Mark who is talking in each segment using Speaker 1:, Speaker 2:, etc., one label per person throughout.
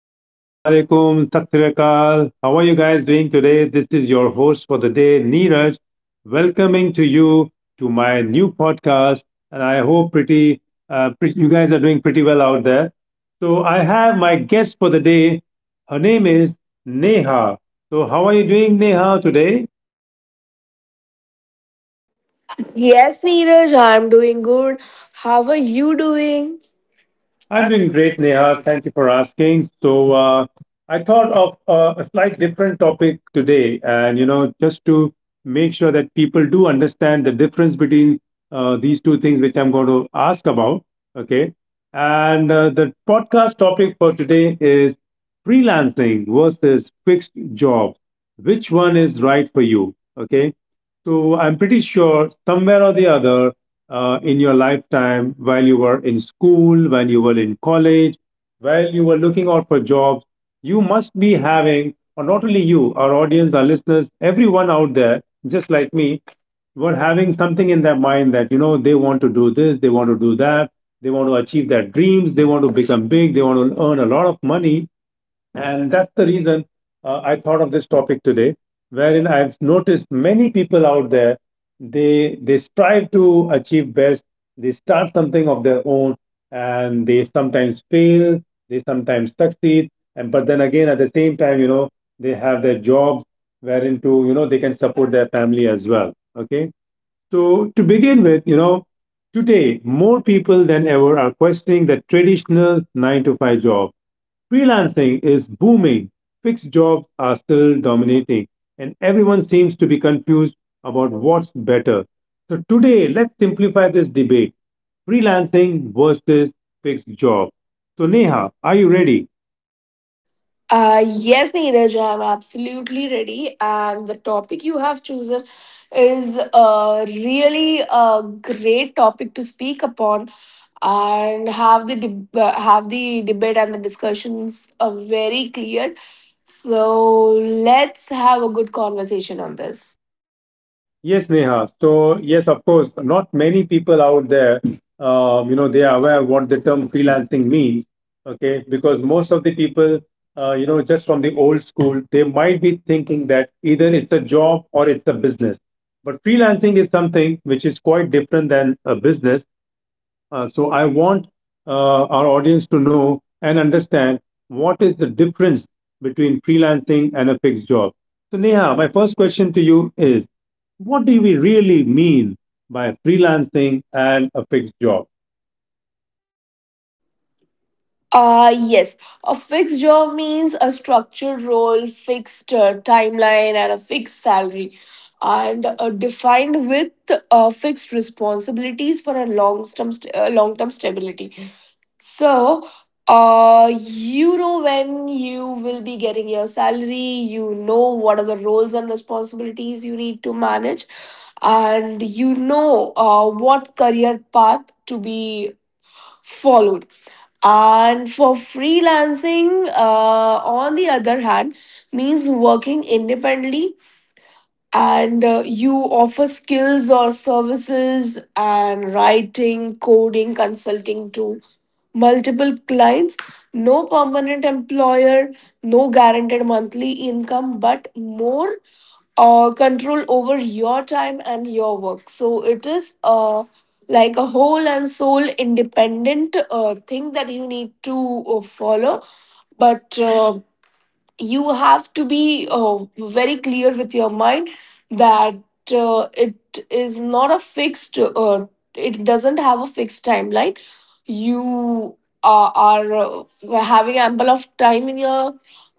Speaker 1: assalamu alaikum, sat Sri Akal. How are you guys doing today? This is your host for the day, Neeraj, welcoming to you to my new podcast. And I hope pretty you guys are doing pretty well out there. So I have my guest for the day. Her name is Neha. So how are you doing, Neha, today?
Speaker 2: Yes, Neeraj, I'm doing good. How are you doing?
Speaker 1: I'm
Speaker 2: I'm
Speaker 1: doing
Speaker 2: doing
Speaker 1: great,
Speaker 2: great,
Speaker 1: Neha.
Speaker 2: Neha.
Speaker 1: Thank you for asking. So, I thought of a slight different topic today, and you know, just to make sure that people do understand the difference between these two things, which I'm going to ask about. Okay, and the podcast topic for today is freelancing versus fixed jobs. Which one is right for you? Okay. So I'm pretty sure somewhere or the other in your lifetime, while you were in school, while you were in college, while you were looking out for jobs, you must be having, or not only you, our audience, our listeners, everyone out there, just like me, were having something in their mind that, you know, they want to do this, they want to do that, they want to achieve their dreams, they want to become big, they want to earn a lot of money. And that's the reason I thought of this topic today, wherein I've noticed many people out there, they strive to achieve best, they start something of their own, and they sometimes fail, they sometimes succeed, and but then again at the same time, you know, they have their jobs wherein to, you know, they can support their family as well. Okay. So to begin with, you know, today more people than ever are questioning the traditional nine to five job. Freelancing is booming, fixed jobs are still dominating, and everyone seems to be confused about what's better. So, today, let's simplify this debate: freelancing versus fixed job. So, Neha, are you ready?
Speaker 2: Yes, Neeraj, I'm absolutely ready. And the topic you have chosen is a really a great topic to speak upon and have the debate, and the discussions are very clear. So let's have a good conversation on this.
Speaker 1: Yes, Neha. So, yes, of course, not many people out there, you know, they are aware what the term freelancing means. Okay, because most of the people, you know, just from the old school, they might be thinking that either it's a job or it's a business. But freelancing is something which is quite different than a business. So I want our audience to know and understand what is the difference between freelancing and a fixed job. So Neha, my first question to you is, what do we really mean by freelancing and a fixed job?
Speaker 2: Yes, a fixed job means a structured role, fixed timeline, and a fixed salary, and defined with fixed responsibilities for a long term stability. So, you know when you will be getting your salary. You know what are the roles and responsibilities you need to manage, and you know what career path to be followed, and for freelancing, on the other hand, means working independently and you offer skills or services and writing, coding, consulting to multiple clients. No permanent employer, no guaranteed monthly income, but more control over your time and your work. So it is like a whole and soul independent thing that you need to follow. But you have to be very clear with your mind that it is not a fixed it doesn't have a fixed timeline. You are having ample of time in your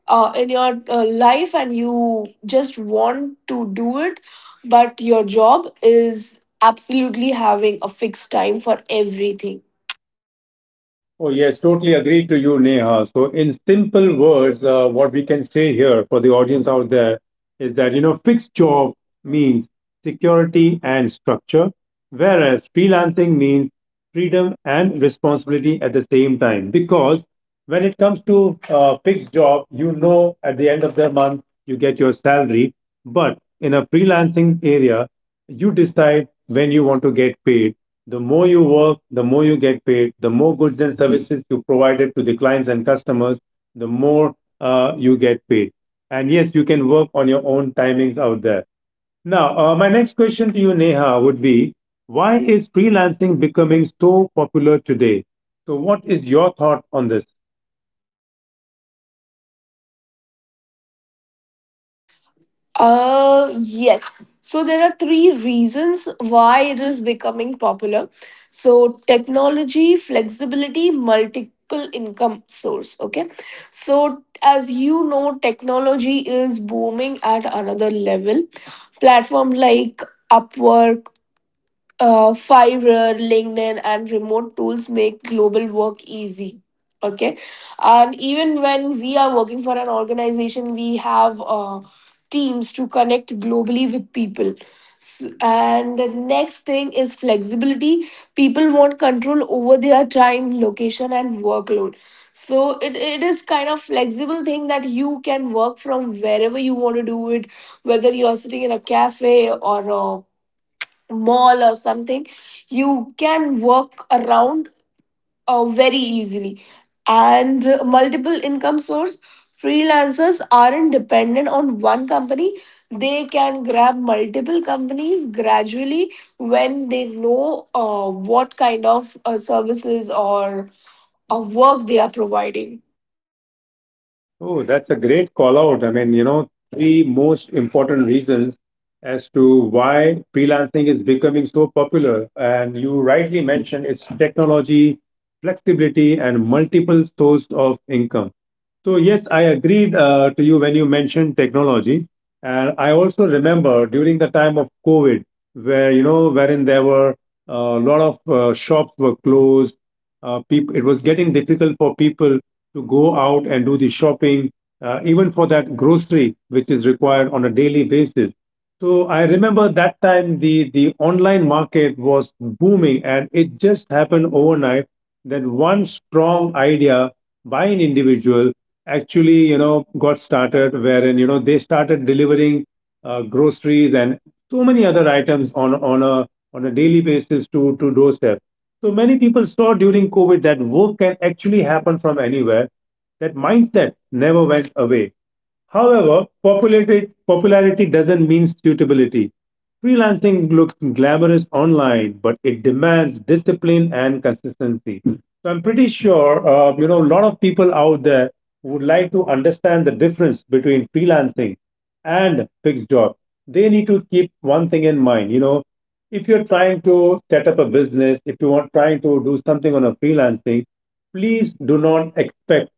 Speaker 2: life, and you just want to do it, but your job is absolutely having a fixed time for everything.
Speaker 1: Oh, yes, totally agree to you, Neha. So, in simple words, what we can say here for the audience out there is that, you know, fixed job means security and structure, whereas freelancing means freedom and responsibility at the same time. Because when it comes to fixed job, you know, at the end of the month, you get your salary. But in a freelancing area, you decide when you want to get paid. The more you work, the more you get paid, the more goods and services you provided to the clients and customers, the more you get paid. And yes, you can work on your own timings out there. Now, my next question to you, Neha, would be why is freelancing becoming so popular today? So, what is your thought on this?
Speaker 2: Yes. So there are three reasons why it is becoming popular. So technology, flexibility, multiple income source. Okay. So as you know, technology is booming at another level. Platform like Upwork, Fiverr, LinkedIn, and remote tools make global work easy. Okay, and even when we are working for an organization, we have teams to connect globally with people. And the next thing is flexibility. People want control over their time, location, and workload. So it is kind of flexible thing that you can work from wherever you want to do it, whether you're sitting in a cafe or a mall or something, you can work around very easily. And multiple income source, freelancers aren't dependent on one company. They can grab multiple companies gradually when they know what kind of services or work they are providing.
Speaker 1: Oh, that's a great call out. I mean, you know, three most important reasons as to why freelancing is becoming so popular. And you rightly mentioned it's technology, flexibility, and multiple sources of income. So, yes, I agreed to you when you mentioned technology. And I also remember during the time of COVID, where, you know, wherein there were a lot of shops were closed. People, it was getting difficult for people to go out and do the shopping, even for that grocery, which is required on a daily basis. So I remember that time the online market was booming and it just happened overnight that one strong idea by an individual actually, you know, got started wherein, you know, they started delivering groceries and so many other items on a on a daily basis to doorstep. So many people saw during COVID that work can actually happen from anywhere. That mindset never went away. However, popularity doesn't mean suitability. Freelancing looks glamorous online, but it demands discipline and consistency. So I'm pretty sure, you know, a lot of people out there would like to understand the difference between freelancing and fixed job. They need to keep one thing in mind. You know, if you're trying to set up a business, if you want trying to do something on a freelancing, please do not expect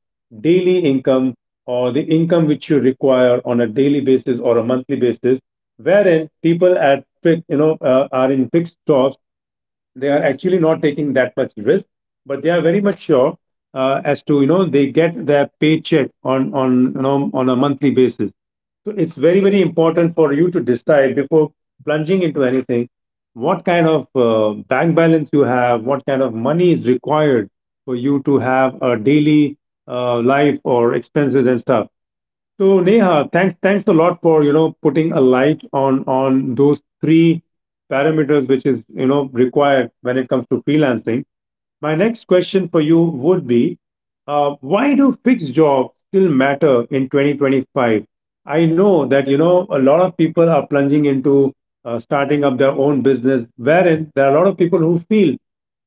Speaker 1: daily income or the income which you require on a daily basis or a monthly basis, wherein people at you know are in fixed jobs, they are actually not taking that much risk, but they are very much sure as to you know they get their paycheck on you know on a monthly basis. So it's very important for you to decide before plunging into anything what kind of bank balance you have, what kind of money is required for you to have a daily life or expenses and stuff. So Neha, thanks a lot for you know putting a light on those three parameters which is you know required when it comes to freelancing. My next question for you would be why do fixed jobs still matter in 2025? I know that you know a lot of people are plunging into starting up their own business, wherein there are a lot of people who feel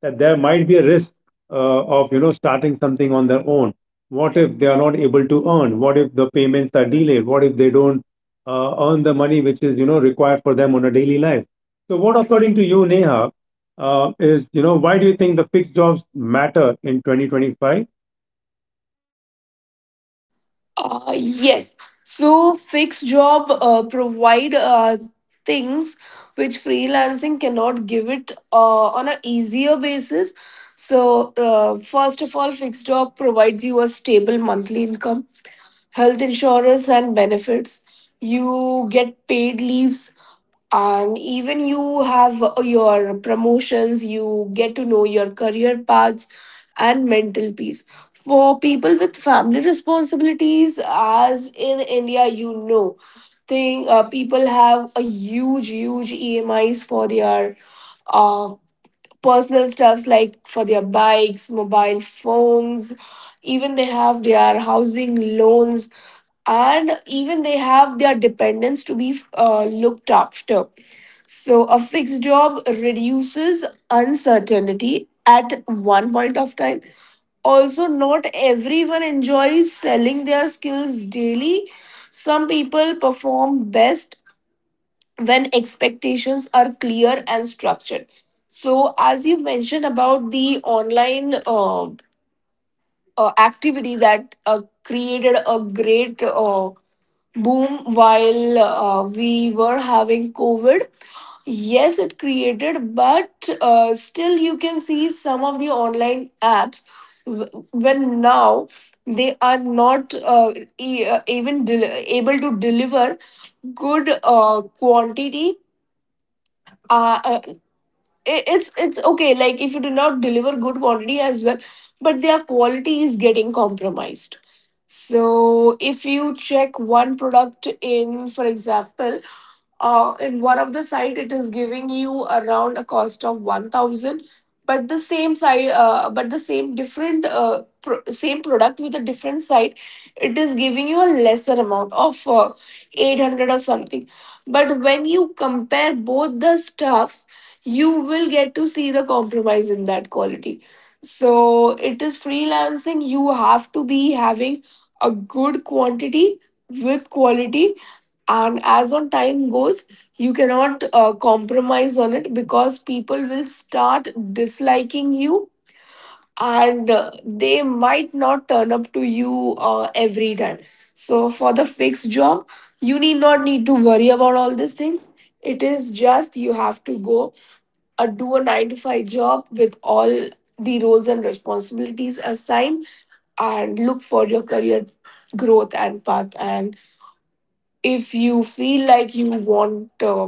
Speaker 1: that there might be a risk uh, of you know starting something on their own. What if they are not able to earn? What if the payments are delayed? What if they don't earn the money which is you know required for them on a daily life? So, what according to you, Neha, is you know why do you think the fixed jobs matter in 2025?
Speaker 2: Yes. So fixed job provide things which freelancing cannot give it on a easier basis. So first of all, fixed job provides you a stable monthly income, health insurance, and benefits. You get paid leaves, and even you have your promotions, you get to know your career paths and mental peace for people with family responsibilities. As in India, you know thing, people have a huge emis for their uh, personal stuffs, like for their bikes, mobile phones, even they have their housing loans, and even they have their dependents to be looked after. So, a fixed job reduces uncertainty at one point of time. Also, not everyone enjoys selling their skills daily. Some people perform best when expectations are clear and structured. So, as you mentioned about the online activity that created a great boom while we were having COVID. Yes, it created, but still, you can see some of the online apps when now they are not even able to deliver good quantity. Uh, uh, it's okay, like if you do not deliver good quantity as well, but their quality is getting compromised. So if you check one product in, for example, in one of the site, it is giving you around a cost of 1000, but the same different same product with a different site, it is giving you a lesser amount of 800 or something. But when you compare both the stuffs, you will get to see the compromise in that quality. So it is freelancing. You have to be having a good quantity with quality. And as on time goes, you cannot compromise on it because people will start disliking you, and they might not turn up to you every time. So for the fixed job, you need not need to worry about all these things. It is just you have to go a do a 9-to-5 job with all the roles and responsibilities assigned, and look for your career growth and path. And if you feel like you want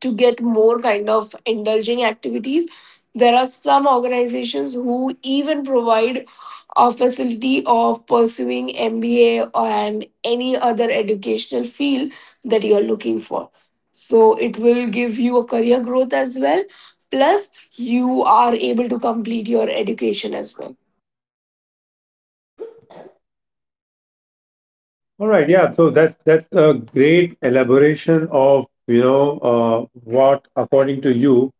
Speaker 2: to get more kind of indulging activities. There are some organizations who even provide a facility of pursuing MBA and any other educational field that you are looking for. So it will give you a career growth as well. Plus, you are able to complete your education as well.
Speaker 1: All right, yeah, so that's a great elaboration of you know what according to you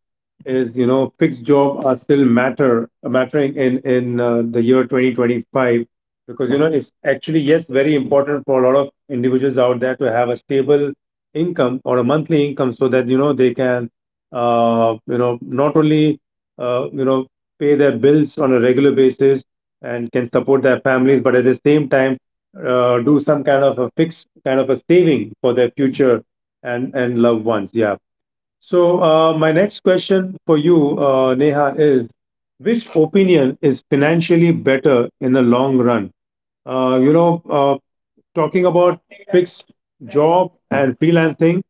Speaker 1: is you know fixed job are still matter mattering in the year 2025, because you know it's actually yes very important for a lot of individuals out there to have a stable income or a monthly income so that you know they can you know not only you know pay their bills on a regular basis and can support their families but at the same time do some kind of a fixed kind of a saving for their future and loved ones, yeah. So, my next question for you, Neha, is which opinion is financially better in the long run? You know, talking about fixed job and freelancing,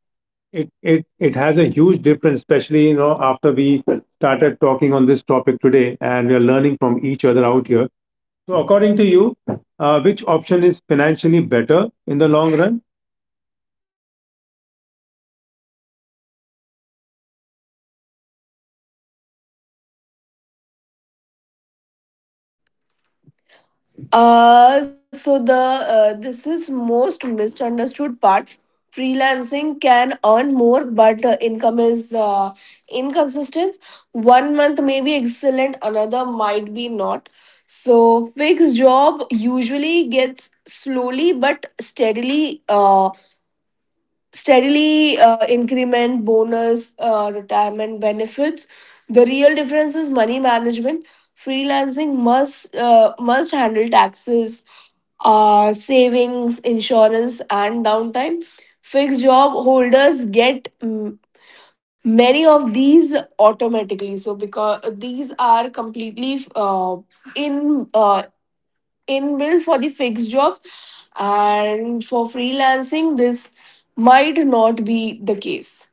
Speaker 1: it has a huge difference, especially, you know, after we started talking on this topic today and we are learning from each other out here. So, according to you, which option is financially better in the long run?
Speaker 2: So the this is most misunderstood part. Freelancing can earn more, but income is inconsistent. One month may be excellent, another might be not. So fixed job usually gets slowly but steadily, increment, bonus, retirement benefits. The real difference is money management. Freelancing must handle taxes, savings, insurance, and downtime. Fixed job holders get, many of these automatically, so because these are completely in inbuilt for the fixed jobs, and for freelancing this might not be the case.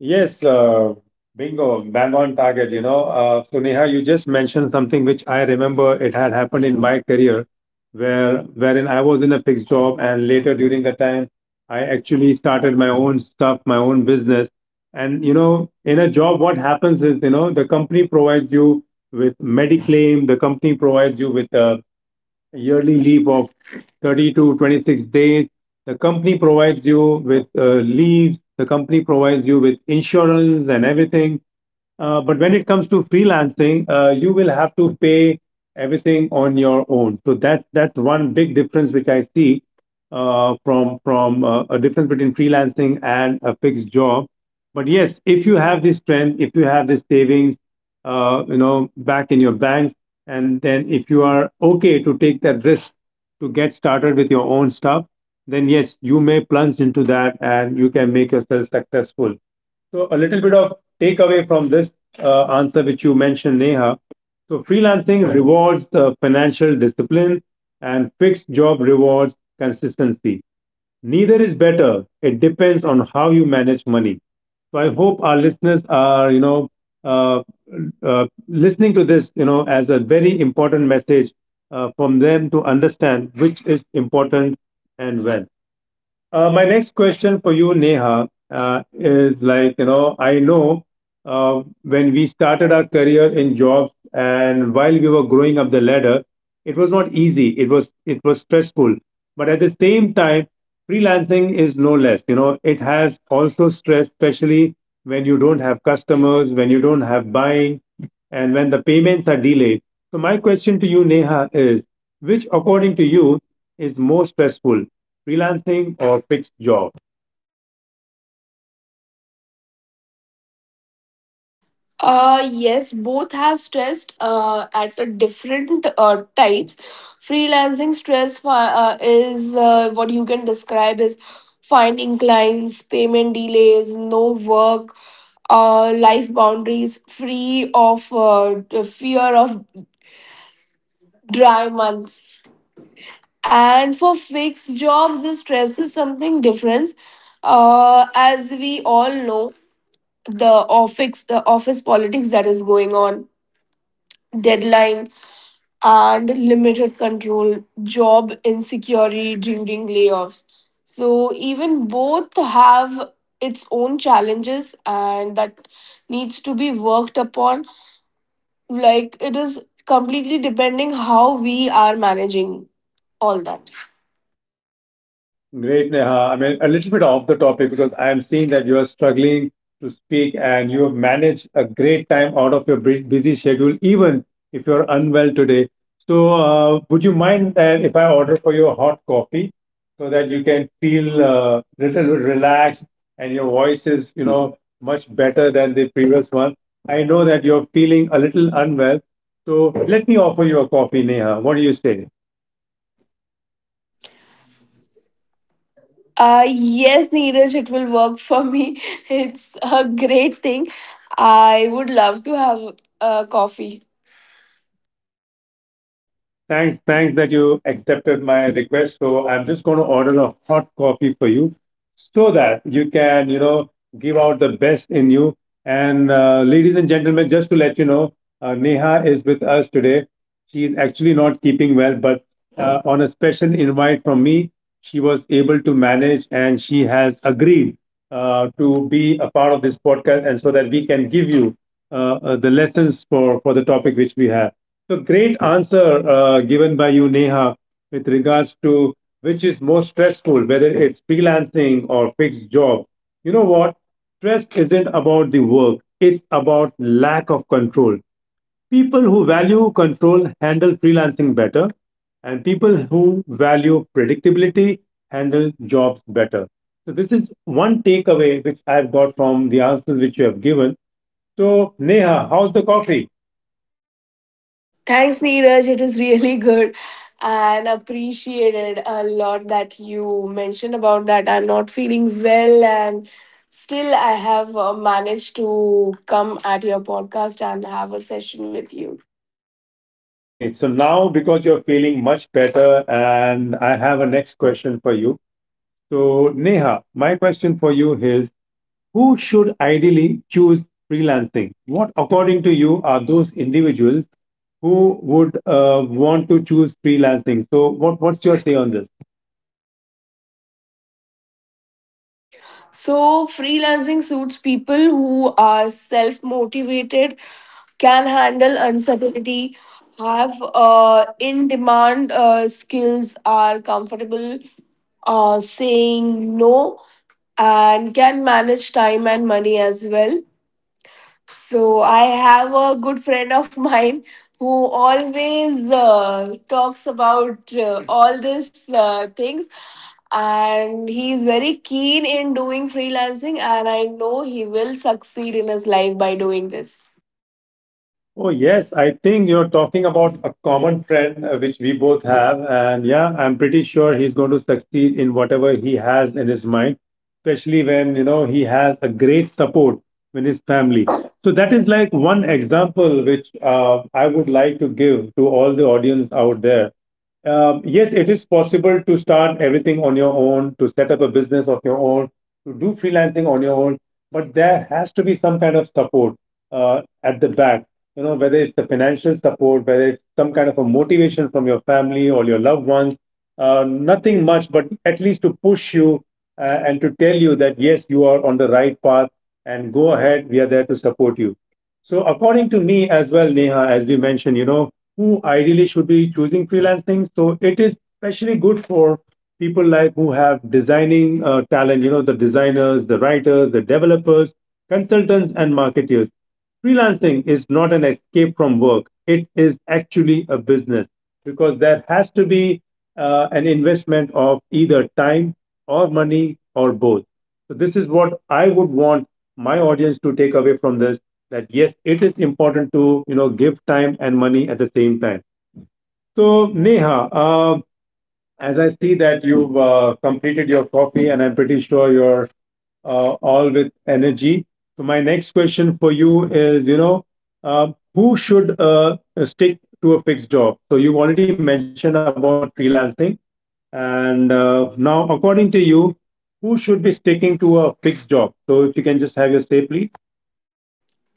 Speaker 1: Yes, bingo, bang on target. You know, so Neha, you just mentioned something which I remember it had happened in my career, where wherein I was in a fixed job, and later during the time, I actually started my own stuff, my own business. And you know, in a job, what happens is, you know, the company provides you with mediclaim, the company provides you with a yearly leave of 30 to 26 days. The company provides you with leaves, the company provides you with insurance and everything. But when it comes to freelancing, you will have to pay everything on your own. So that's one big difference which I see from a difference between freelancing and a fixed job. But yes, if you have this strength, if you have this savings, you know, back in your banks, and then if you are okay to take that risk to get started with your own stuff, then yes, you may plunge into that and you can make yourself successful. So a little bit of takeaway from this answer which you mentioned, Neha. So freelancing rewards financial discipline and fixed job rewards consistency. Neither is better. It depends on how you manage money. So I hope our listeners are, you know, uh, listening to this, you know, as a very important message from them to understand which is important and when. My next question for you, Neha, is like, you know, I know when we started our career in jobs and while we were growing up the ladder, it was not easy. It was stressful. But at the same time, freelancing is no less. You know, it has also stress, especially when you don't have customers, when you don't have buying, and when the payments are delayed. So my question to you, Neha, is which according to you is more stressful? Freelancing or fixed job?
Speaker 2: Uh, yes, both have stressed at a different types. Freelancing stress, is what you can describe as finding clients, payment delays, no work, life boundaries, free of the fear of dry months. And for fixed jobs, the stress is something different. Uh, as we all know, the the office politics that is going on, deadline and limited control, job insecurity during layoffs. So even both have its own challenges, and that needs to be worked upon. Like it is completely depending how we are managing all that.
Speaker 1: Great, Neha. I mean, a little bit off the topic because I am seeing that you are struggling to speak and you have managed a great time out of your busy schedule, even if you're unwell today. So, would you mind that if I order for you a hot coffee so that you can feel a little bit relaxed and your voice is, you know, much better than the previous one? I know that you're feeling a little unwell. So, let me offer you a coffee, Neha. What do you say?
Speaker 2: Yes, Neeraj, it will work for me. It's a great thing. I would love to have a coffee.
Speaker 1: Okay. Thanks. Thanks that you accepted my request. So I'm just going to order a hot coffee for you so that you can, you know, give out the best in you. And ladies and gentlemen, just to let you know, Neha is with us today. She is actually not keeping well, but on a special invite from me, she was able to manage and she has agreed to be a part of this podcast and so that we can give you the lessons for the topic which we have. So great answer given by you, Neha, with regards to which is more stressful, whether it's freelancing or fixed job. You know what? Stress isn't about the work, it's about lack of control. People who value control handle freelancing better, and people who value predictability handle jobs better. So, this is one takeaway which I've got from the answers which you have given. So, Neha, how's the coffee?
Speaker 2: Thanks, Neeraj. It is really good, and appreciated a lot that you mentioned about that. I'm not feeling well, and still, I have managed to come at your podcast and have a session with you.
Speaker 1: Great. So now, because you're feeling much better, and I have a next question for you. So, Neha, my question for you is who should ideally choose freelancing? What, according to you, are those individuals who would want to choose freelancing? So, what's your say on this?
Speaker 2: So, freelancing suits people who are self motivated, can handle uncertainty, have in demand skills, are comfortable saying no, and can manage time and money as well. So, I have a good friend of mine who always talks about all these things, and he is very keen in doing freelancing, and I know he will succeed in his life by doing this.
Speaker 1: Oh, yes. I think you're talking about a common friend which we both have. And yeah, I'm pretty sure he's going to succeed in whatever he has in his mind, especially when, you know, he has a great support in his family. So that is like one example which I would like to give to all the audience out there. Yes, it is possible to start everything on your own, to set up a business of your own, to do freelancing on your own, but there has to be some kind of support at the back. You know, whether it's the financial support, whether it's some kind of a motivation from your family or your loved ones, nothing much, but at least to push you and to tell you that yes, you are on the right path and go ahead. We are there to support you. So, according to me as well, Neha, as we mentioned, you know, who ideally should be choosing freelancing. So it is especially good for people like who have designing talent, you know, the designers, the writers, the developers, consultants, and marketeers. Freelancing is not an escape from work. It is actually a business because there has to be an investment of either time or money or both. So this is what I would want my audience to take away from this that yes, it is important to, you know, give time and money at the same time. So Neha, uh, as I see that you've completed your coffee, and I'm pretty sure you're all with energy. So my next question for you is, you know, uh, who should stick to a fixed job? So you already mentioned about freelancing, and now according to you, who should be sticking to a fixed job? So if you can just have your say, please.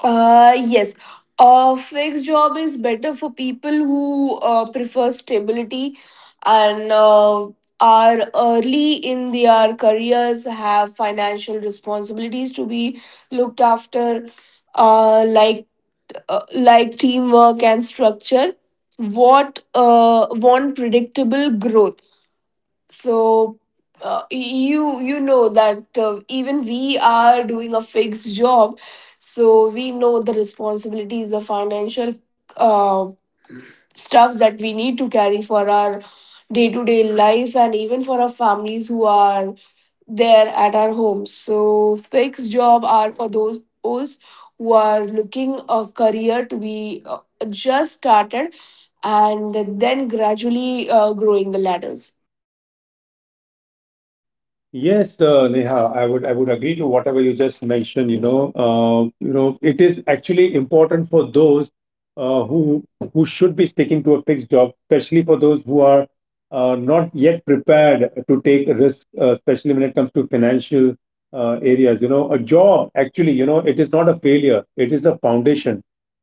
Speaker 2: Yes. A fixed job is better for people who prefer stability and are early in their careers, have financial responsibilities to be looked after, uh, like like teamwork and structure. What want predictable growth. So uh, you you know that even we are doing a fixed job, so we know the responsibilities, the financial uh, stuffs that we need to carry for our day to day life, and even for our families who are there at our homes. So fixed job are for those who are looking a career to be just started, and then gradually growing the ladders.
Speaker 1: Yes, Neha, I would agree to whatever you just mentioned. You know, it is actually important for those uh, who who should be sticking to a fixed job, especially for those who are not yet prepared to take risks, especially when it comes to financial areas. You know, a job actually, you know, it is not a failure; it is a foundation.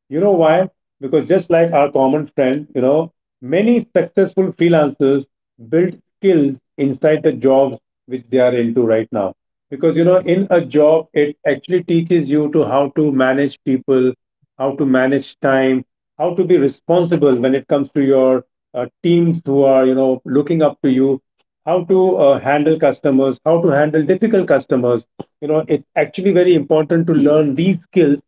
Speaker 1: You know why? Because just like our common friend, you know, many successful freelancers built skills inside the jobs which they are into right now, because you know in a job it actually teaches you to how to manage people, how to manage time, how to be responsible when it comes to your teams who are, you know, looking up to you, how to handle customers, how to handle difficult customers. You know, it's actually very important to learn these skills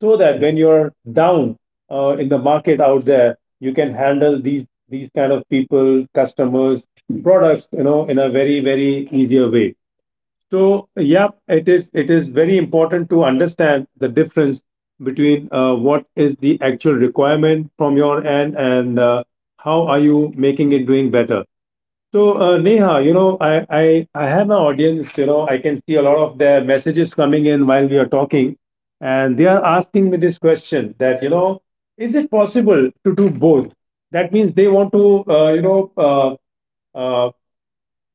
Speaker 1: so that when you're down in the market out there, you can handle these kind of people, customers, products, you know, in a very, very easier way. So, yeah, it is very important to understand the difference between what is the actual requirement from your end and how are you making it doing better. So, Neha, you know, I have an audience. You know, I can see a lot of their messages coming in while we are talking, and they are asking me this question that, you know, is it possible to do both? That means they want to, you know, uh, uh,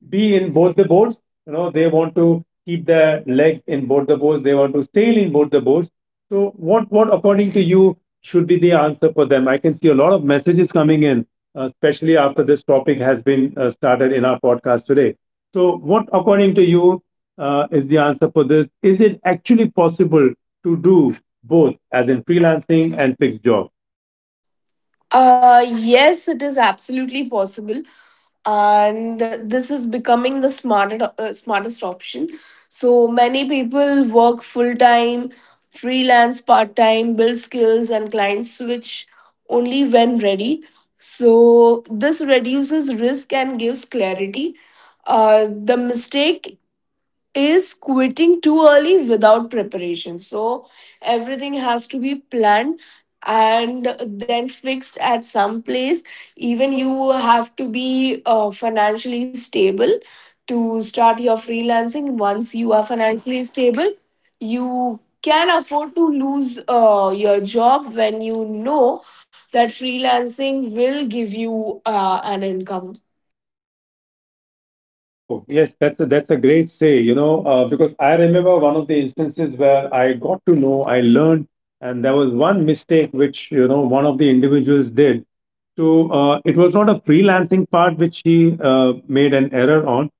Speaker 1: be in both the boards. You know, they want to keep their legs in both the boards. They want to sail in both the boards. So, what according to you should be the answer for them? I can see a lot of messages coming in, especially after this topic has been started in our podcast today. So, what according to you is the answer for this? Is it actually possible to do both, as in freelancing and fixed job?
Speaker 2: Yes, it is absolutely possible, and this is becoming the smartest option. So many people work full time, freelance part time, build skills, and clients switch only when ready. So this reduces risk and gives clarity. Uh, the mistake is quitting too early without preparation. So everything has to be planned and then fixed at some place. Even you have to be financially stable to start your freelancing. Once you are financially stable, you can afford to lose your job when you know that freelancing will give you an income.
Speaker 1: Oh, yes, that's a great say, you know, because I remember one of the instances where I got to know, I learned, and there was one mistake which, you know, one of the individuals did. So it was not a freelancing part which he made an error on.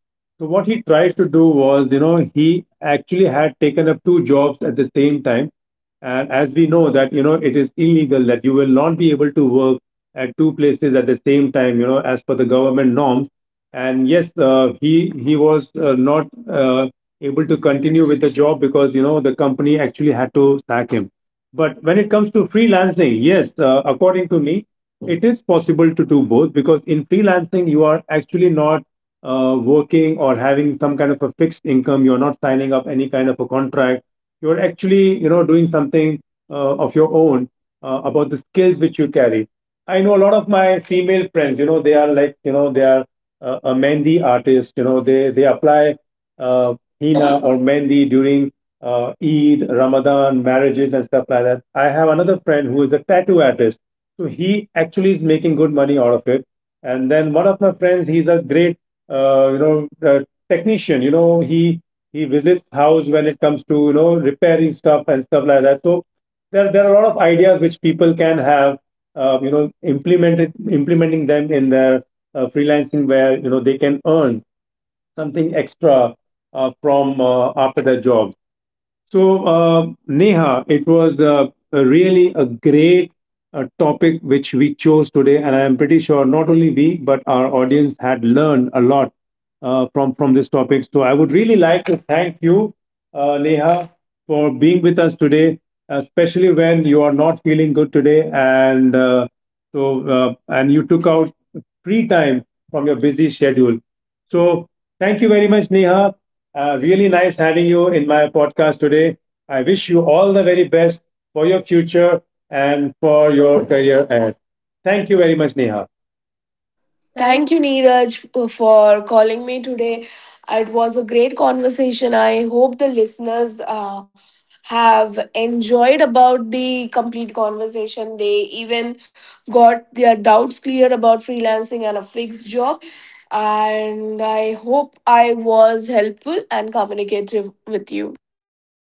Speaker 1: So what he tried to do was, you know, he actually had taken up two jobs at the same time. And as we know that, you know, it is illegal that you will not be able to work at two places at the same time, you know, as per the government norms. And yes, he was not able to continue with the job because, you know, the company actually had to sack him. But when it comes to freelancing, yes, according to me, it is possible to do both, because in freelancing you are actually not working or having some kind of a fixed income. You're not signing up any kind of a contract. You're actually, you know, doing something of your own, about the skills which you carry. I know a lot of my female friends, you know, they are like, you know, they are a mehndi artist, you know, they apply uh, hina or mehndi during Eid, Ramadan, marriages, and stuff like that. I have another friend who is a tattoo artist, so he actually is making good money out of it. And then one of my friends, he's a great, you know, technician. You know, he visits house when it comes to, you know, repairing stuff and stuff like that. So there are a lot of ideas which people can have, you know, implemented implementing them in their freelancing, where, you know, they can earn something extra from after their jobs. So, Neha, it was a really a great topic which we chose today, and I am pretty sure not only we but our audience had learned a lot from this topic. So, I would really like to thank you, Neha, for being with us today, especially when you are not feeling good today, and and you took out free time from your busy schedule. So, thank you very much, Neha. Really nice having you in my podcast today. I wish you all the very best for your future and for your career ahead. Thank you very much, Neha. Thank.
Speaker 2: Thank you, Neeraj, for calling me today. It was a great conversation. I hope the listeners have enjoyed about the complete conversation. They even got their doubts cleared about freelancing and a fixed job. And I hope I was helpful and communicative with you.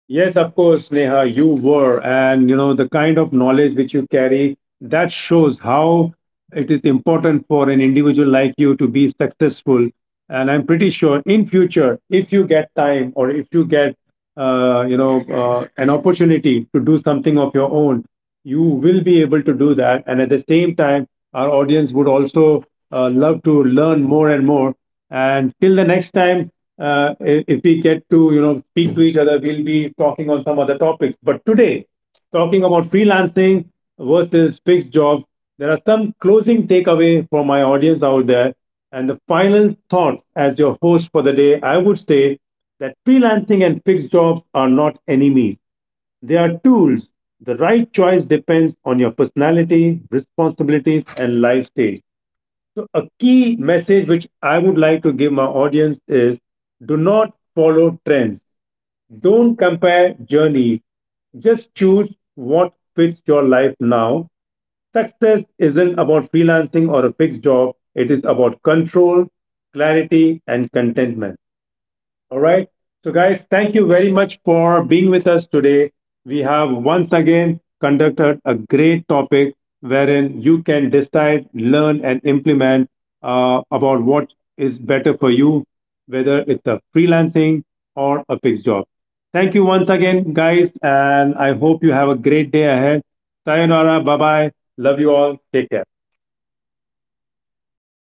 Speaker 1: Yes, of course, Neha, you were. And, you know, the kind of knowledge which you carry, that shows how it is important for an individual like you to be successful. And I'm pretty sure in future if you get time or if you get you know an opportunity to do something of your own, you will be able to do that. And at the same time our audience would also love to learn more and more. And till the next time if we get to, you know, speak to each other, we'll be talking on some other topics. But today, talking about freelancing versus fixed jobs, there are some closing takeaway for my audience out there. And the final thought as your host for the day, I would say that freelancing and fixed jobs are not enemies. They are tools. The right choice depends on your personality, responsibilities, and life stage. So, a key message which I would like to give my audience is do not follow trends. Don't compare journeys. Just choose what fits your life now. Success isn't about freelancing or a fixed job, it is about control, clarity, and contentment. All right. So, guys, thank you very much for being with us today. We have once again conducted a great topic wherein you can decide, learn, and implement about what is better for you, whether it's a freelancing or a fixed job. Thank you once again, guys, and I hope you have a great day ahead. Sayonara. Bye bye. Love you all. Take care.